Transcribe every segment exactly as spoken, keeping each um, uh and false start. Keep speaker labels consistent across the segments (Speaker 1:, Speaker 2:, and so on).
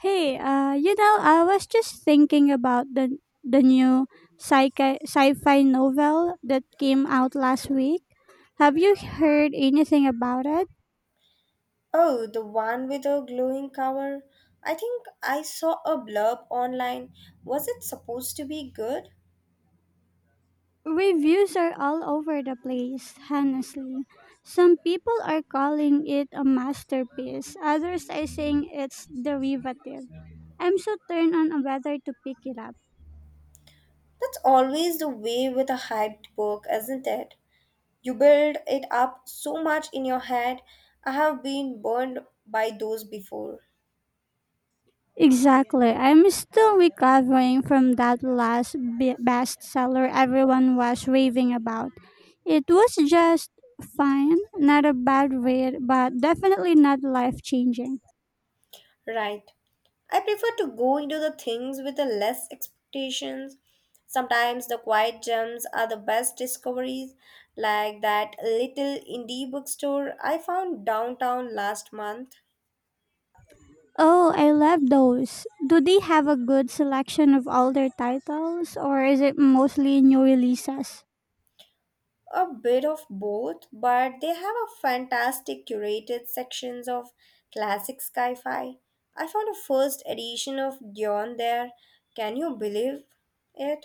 Speaker 1: Hey, uh, you know, I was just thinking about the the new sci-fi, sci-fi novel that came out last week. Have you heard anything about it?
Speaker 2: Oh, the one with the glowing cover. I think I saw a blurb online. Was it supposed to be good?
Speaker 1: Reviews are all over the place, honestly. Some people are calling it a masterpiece, others are saying it's derivative. I'm so turned on whether to pick it up.
Speaker 2: That's always the way with a hyped book, isn't it? You build it up so much in your head. I have been burned by those before.
Speaker 1: Exactly. I'm still recovering from that last be- bestseller everyone was raving about. It was just fine, not a bad read, but definitely not life changing.
Speaker 2: Right. I prefer to go into the things with the less expectations. Sometimes the quiet gems are the best discoveries, like that little indie bookstore I found downtown last month.
Speaker 1: Oh, I love those. Do they have a good selection of older titles, or is it mostly new releases?
Speaker 2: A bit of both, but they have a fantastic curated sections of classic sci-fi. I found a first edition of Dion there. Can you believe it?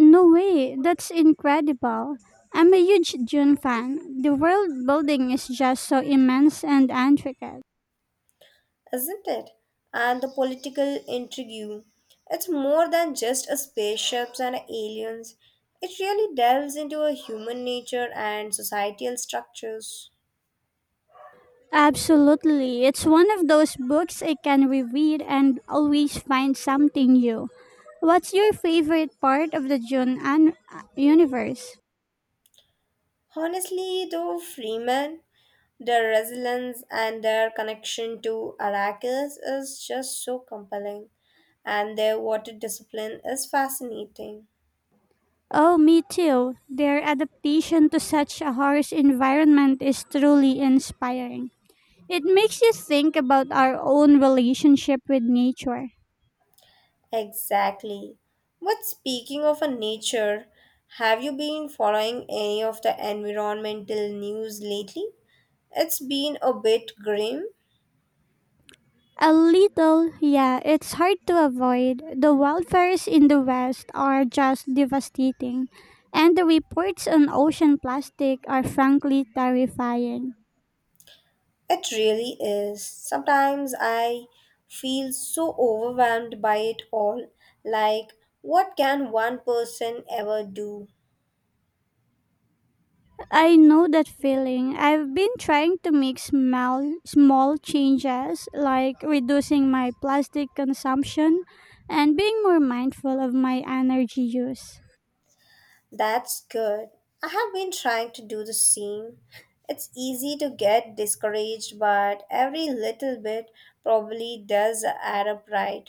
Speaker 1: No way, that's incredible. I'm a huge June fan. The world building is just so immense and intricate.
Speaker 2: Isn't it? And the political intrigue. It's more than just a spaceships and aliens. It really delves into a human nature and societal structures.
Speaker 1: Absolutely. It's one of those books I can reread and always find something new. What's your favorite part of the June an- uh, universe?
Speaker 2: Honestly, though, Freeman, their resilience and their connection to Arrakis is just so compelling, and their water discipline is fascinating.
Speaker 1: Oh, me too. Their adaptation to such a harsh environment is truly inspiring. It makes you think about our own relationship with nature.
Speaker 2: Exactly. But speaking of a nature, have you been following any of the environmental news lately? It's been a bit grim.
Speaker 1: A little, yeah, it's hard to avoid. The wildfires in the West are just devastating, and the reports on ocean plastic are frankly terrifying.
Speaker 2: It really is. Sometimes I feel so overwhelmed by it all. Like, what can one person ever do?
Speaker 1: I know that feeling. I've been trying to make small, small changes, like reducing my plastic consumption and being more mindful of my energy use.
Speaker 2: That's good. I have been trying to do the same. It's easy to get discouraged, but every little bit probably does add up right.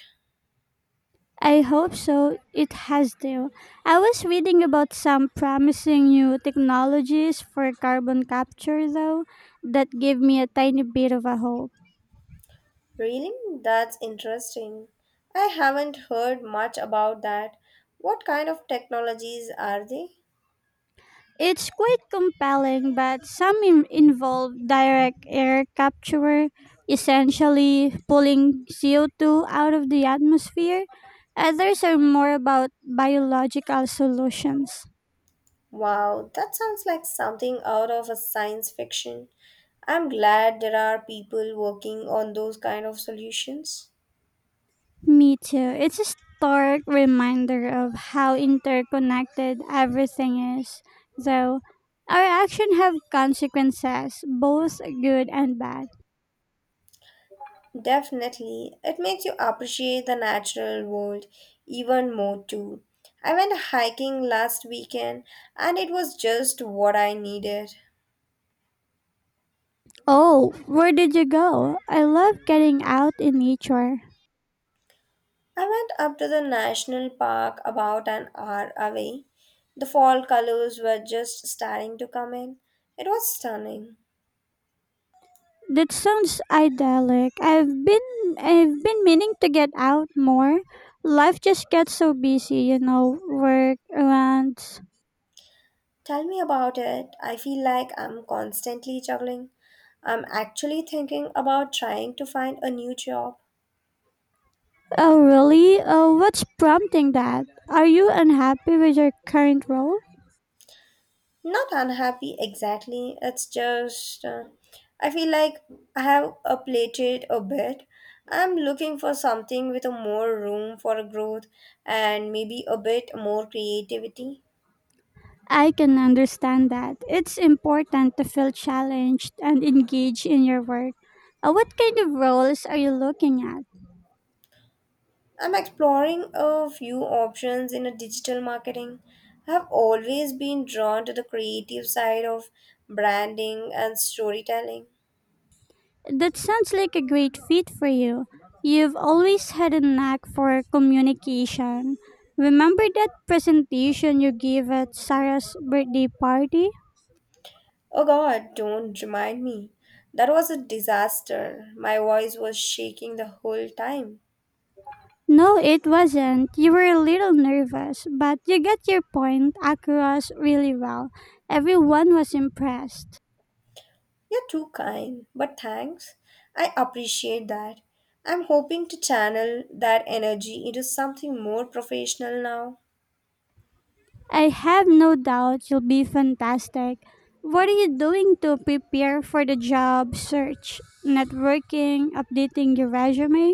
Speaker 1: I hope so. It has to. I was reading about some promising new technologies for carbon capture, though, that gave me a tiny bit of a hope.
Speaker 2: Really? That's interesting. I haven't heard much about that. What kind of technologies are they?
Speaker 1: It's quite compelling, but some in- involve direct air capture, essentially pulling C O two out of the atmosphere. Others are more about biological solutions.
Speaker 2: Wow, that sounds like something out of a science fiction. I'm glad there are people working on those kind of solutions.
Speaker 1: Me too. It's a stark reminder of how interconnected everything is, though. Our actions have consequences, both good and bad.
Speaker 2: Definitely. It makes you appreciate the natural world even more too. I went hiking last weekend and it was just what I needed.
Speaker 1: Oh, where did you go? I love getting out in nature.
Speaker 2: I went up to the national park about an hour away. The fall colors were just starting to come in. It was stunning.
Speaker 1: That sounds idyllic. I've been I've been meaning to get out more. Life just gets so busy, you know, work around.
Speaker 2: Tell me about it. I feel like I'm constantly juggling. I'm actually thinking about trying to find a new job.
Speaker 1: Oh, really? Oh, what's prompting that? Are you unhappy with your current role?
Speaker 2: Not unhappy exactly. It's just uh, I feel like I have a plated a bit. I'm looking for something with a more room for growth and maybe a bit more creativity.
Speaker 1: I can understand that. It's important to feel challenged and engaged in your work. Uh, what kind of roles are you looking at?
Speaker 2: I'm exploring a few options in a digital marketing. I've always been drawn to the creative side of branding and storytelling.
Speaker 1: That sounds like a great fit for you. You've always had a knack for communication. Remember that presentation you gave at Sarah's birthday party?
Speaker 2: Oh god, don't remind me. That was a disaster. My voice was shaking the whole time.
Speaker 1: No, it wasn't. You were a little nervous, but you got your point across really well. Everyone was impressed.
Speaker 2: You're too kind, but thanks. I appreciate that. I'm hoping to channel that energy into something more professional now.
Speaker 1: I have no doubt you'll be fantastic. What are you doing to prepare for the job search? Networking, updating your resume?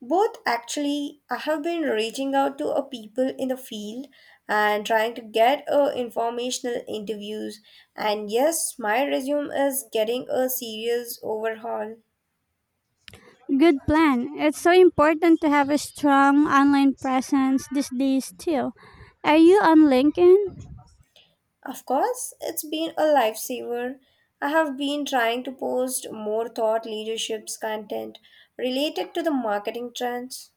Speaker 2: Both actually, I have been reaching out to a people in the field and trying to get a informational interviews. And yes, my resume is getting a serious overhaul.
Speaker 1: Good plan. It's so important to have a strong online presence these days, too. Are you on LinkedIn?
Speaker 2: Of course, it's been a lifesaver. I have been trying to post more thought leaderships content related to the marketing trends.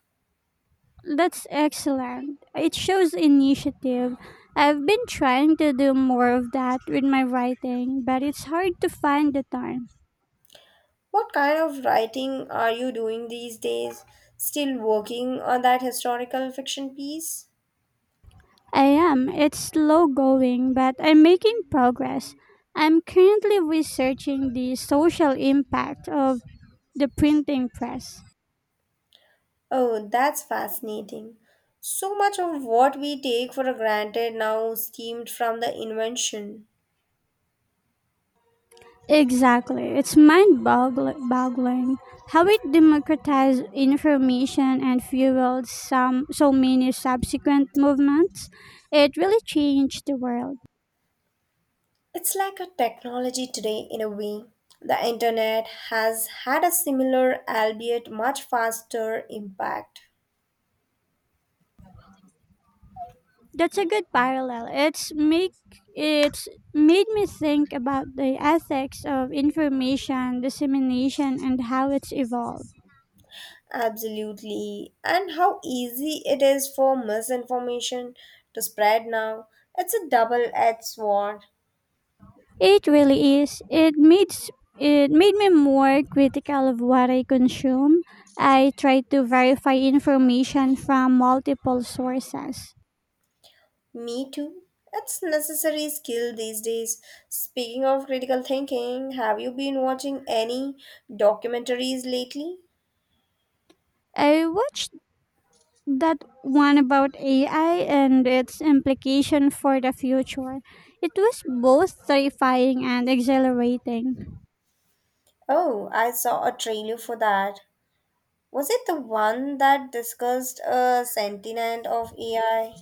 Speaker 1: That's excellent. It shows initiative. I've been trying to do more of that with my writing, but it's hard to find the time.
Speaker 2: What kind of writing are you doing these days? Still working on that historical fiction piece?
Speaker 1: I am. It's slow going, but I'm making progress. I'm currently researching the social impact of the printing press.
Speaker 2: Oh, that's fascinating. So much of what we take for granted now stemmed from the invention.
Speaker 1: Exactly. It's mind boggling how it democratized information and fueled some, so many subsequent movements. It really changed the world.
Speaker 2: It's like a technology today in a way. The internet has had a similar, albeit much faster, impact.
Speaker 1: That's a good parallel. It's make it's made me think about the ethics of information dissemination and how it's evolved.
Speaker 2: Absolutely. And how easy it is for misinformation to spread now. It's a double edged sword.
Speaker 1: It really is. It makes it made me more critical of what I consume. I try to verify information from multiple sources.
Speaker 2: Me too. It's necessary skill these days. Speaking of critical thinking, have you been watching any documentaries lately?
Speaker 1: I watched that one about A I and its implication for the future. It was both terrifying and exhilarating.
Speaker 2: Oh, I saw a trailer for that. Was it the one that discussed a sentiment of A I?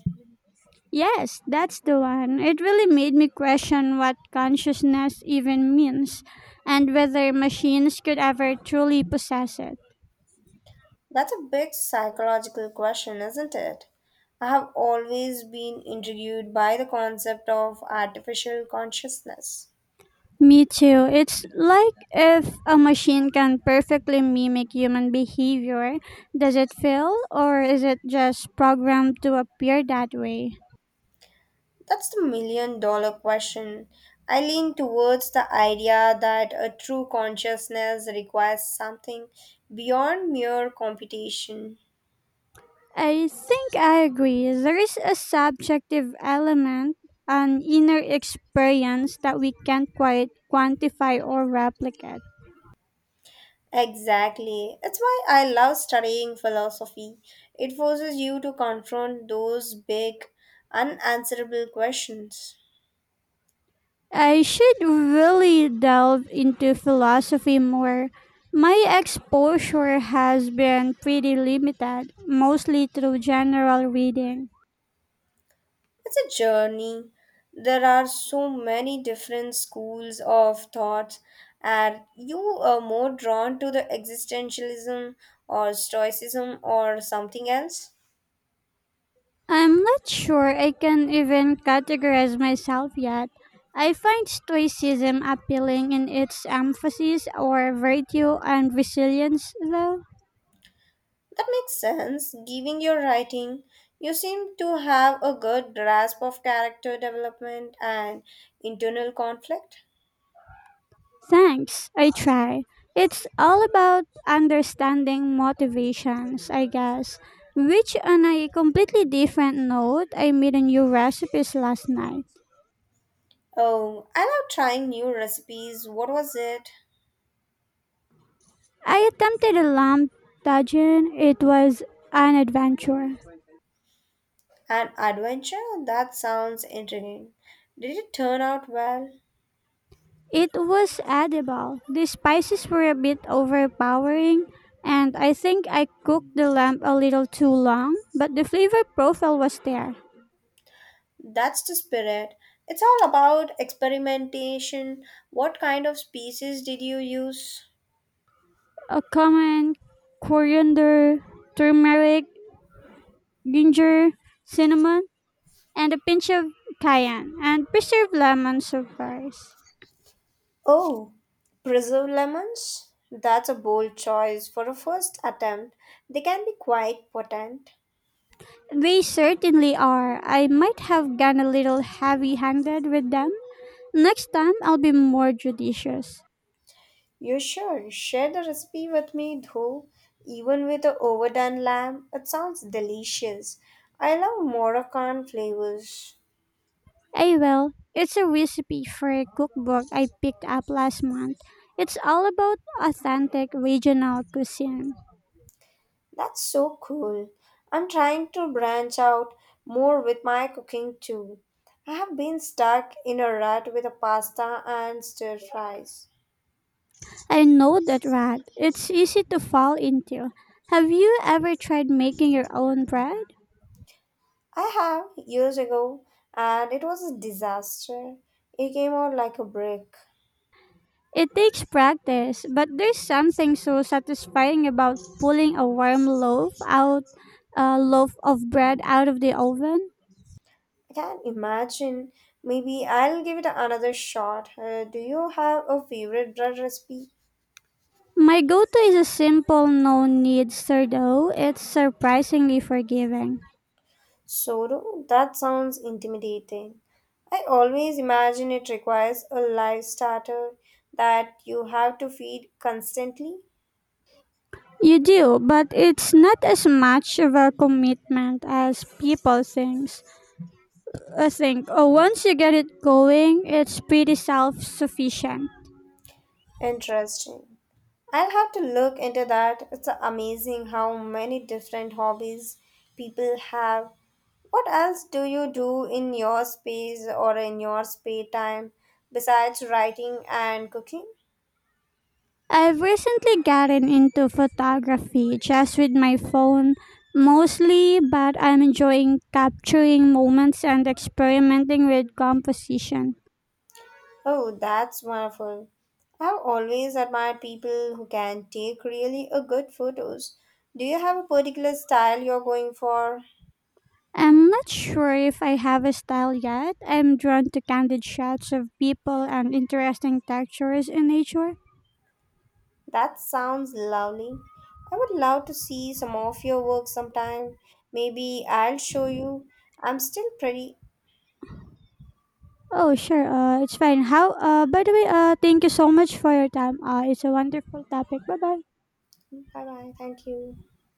Speaker 1: Yes, that's the one. It really made me question what consciousness even means and whether machines could ever truly possess it.
Speaker 2: That's a big psychological question, isn't it? I have always been intrigued by the concept of artificial consciousness.
Speaker 1: Me too. It's like if a machine can perfectly mimic human behavior, does it feel or is it just programmed to appear that way?
Speaker 2: That's the million dollar question. I lean towards the idea that a true consciousness requires something beyond mere computation.
Speaker 1: I think I agree. There is a subjective element, an inner experience that we can't quite quantify or replicate.
Speaker 2: Exactly. It's why I love studying philosophy. It forces you to confront those big, unanswerable questions.
Speaker 1: I should really delve into philosophy more. My exposure has been pretty limited, mostly through general reading.
Speaker 2: It's a journey. There are so many different schools of thought. Are you uh, more drawn to the existentialism or stoicism or something else?
Speaker 1: I'm not sure I can even categorize myself yet. I find Stoicism appealing in its emphasis on virtue and resilience, though.
Speaker 2: That makes sense. Given your writing, you seem to have a good grasp of character development and internal conflict.
Speaker 1: Thanks, I try. It's all about understanding motivations, I guess. Which, on a completely different note, I made a new recipes last night.
Speaker 2: Oh, I love trying new recipes. What was it?
Speaker 1: I attempted a lamb tajin. It was an adventure.
Speaker 2: An adventure? That sounds intriguing. Did it turn out well?
Speaker 1: It was edible. The spices were a bit overpowering, and I think I cooked the lamb a little too long, but the flavor profile was there.
Speaker 2: That's the spirit. It's all about experimentation. What kind of species did you use?
Speaker 1: A common coriander, turmeric, ginger, cinnamon, and a pinch of cayenne, and preserved lemon surprise.
Speaker 2: Oh, preserved lemons? That's a bold choice for a first attempt. They can be quite potent.
Speaker 1: They certainly are. I might have gone a little heavy handed with them. Next time, I'll be more judicious.
Speaker 2: You sure? Share the recipe with me, though. Even with the overdone lamb, it sounds delicious. I love Moroccan flavors.
Speaker 1: I will. It's a recipe for a cookbook I picked up last month. It's all about authentic regional cuisine.
Speaker 2: That's so cool. I'm trying to branch out more with my cooking too. I have been stuck in a rut with a pasta and stir fries.
Speaker 1: I know that rat. It's easy to fall into. Have you ever tried making your own bread?
Speaker 2: I have years ago and it was a disaster. It came out like a brick.
Speaker 1: It takes practice, but there's something so satisfying about pulling a warm loaf out, a loaf of bread out of the oven.
Speaker 2: I can't imagine. Maybe I'll give it another shot. Uh, do you have a favorite bread recipe?
Speaker 1: My go-to is a simple, no-need sourdough. It's surprisingly forgiving.
Speaker 2: Soro? That sounds intimidating. I always imagine it requires a live starter that you have to feed constantly.
Speaker 1: You do, but it's not as much of a commitment as people thinks. I think. Oh, once you get it going, it's pretty self-sufficient.
Speaker 2: Interesting. I'll have to look into that. It's amazing how many different hobbies people have. What else do you do in your space or in your spare time besides writing and cooking?
Speaker 1: I've recently gotten into photography just with my phone mostly, but I'm enjoying capturing moments and experimenting with composition.
Speaker 2: Oh, that's wonderful. I've always admired people who can take really a good photos. Do you have a particular style you're going for?
Speaker 1: I'm not sure if I have a style yet. I'm drawn to candid shots of people and interesting textures in nature.
Speaker 2: That sounds lovely. I would love to see some of your work sometime. Maybe I'll show you. I'm still pretty.
Speaker 1: Oh, sure. Uh, it's fine. How? Uh, by the way, uh, thank you so much for your time. Uh, it's a wonderful topic. Bye bye.
Speaker 2: Bye bye. Thank you.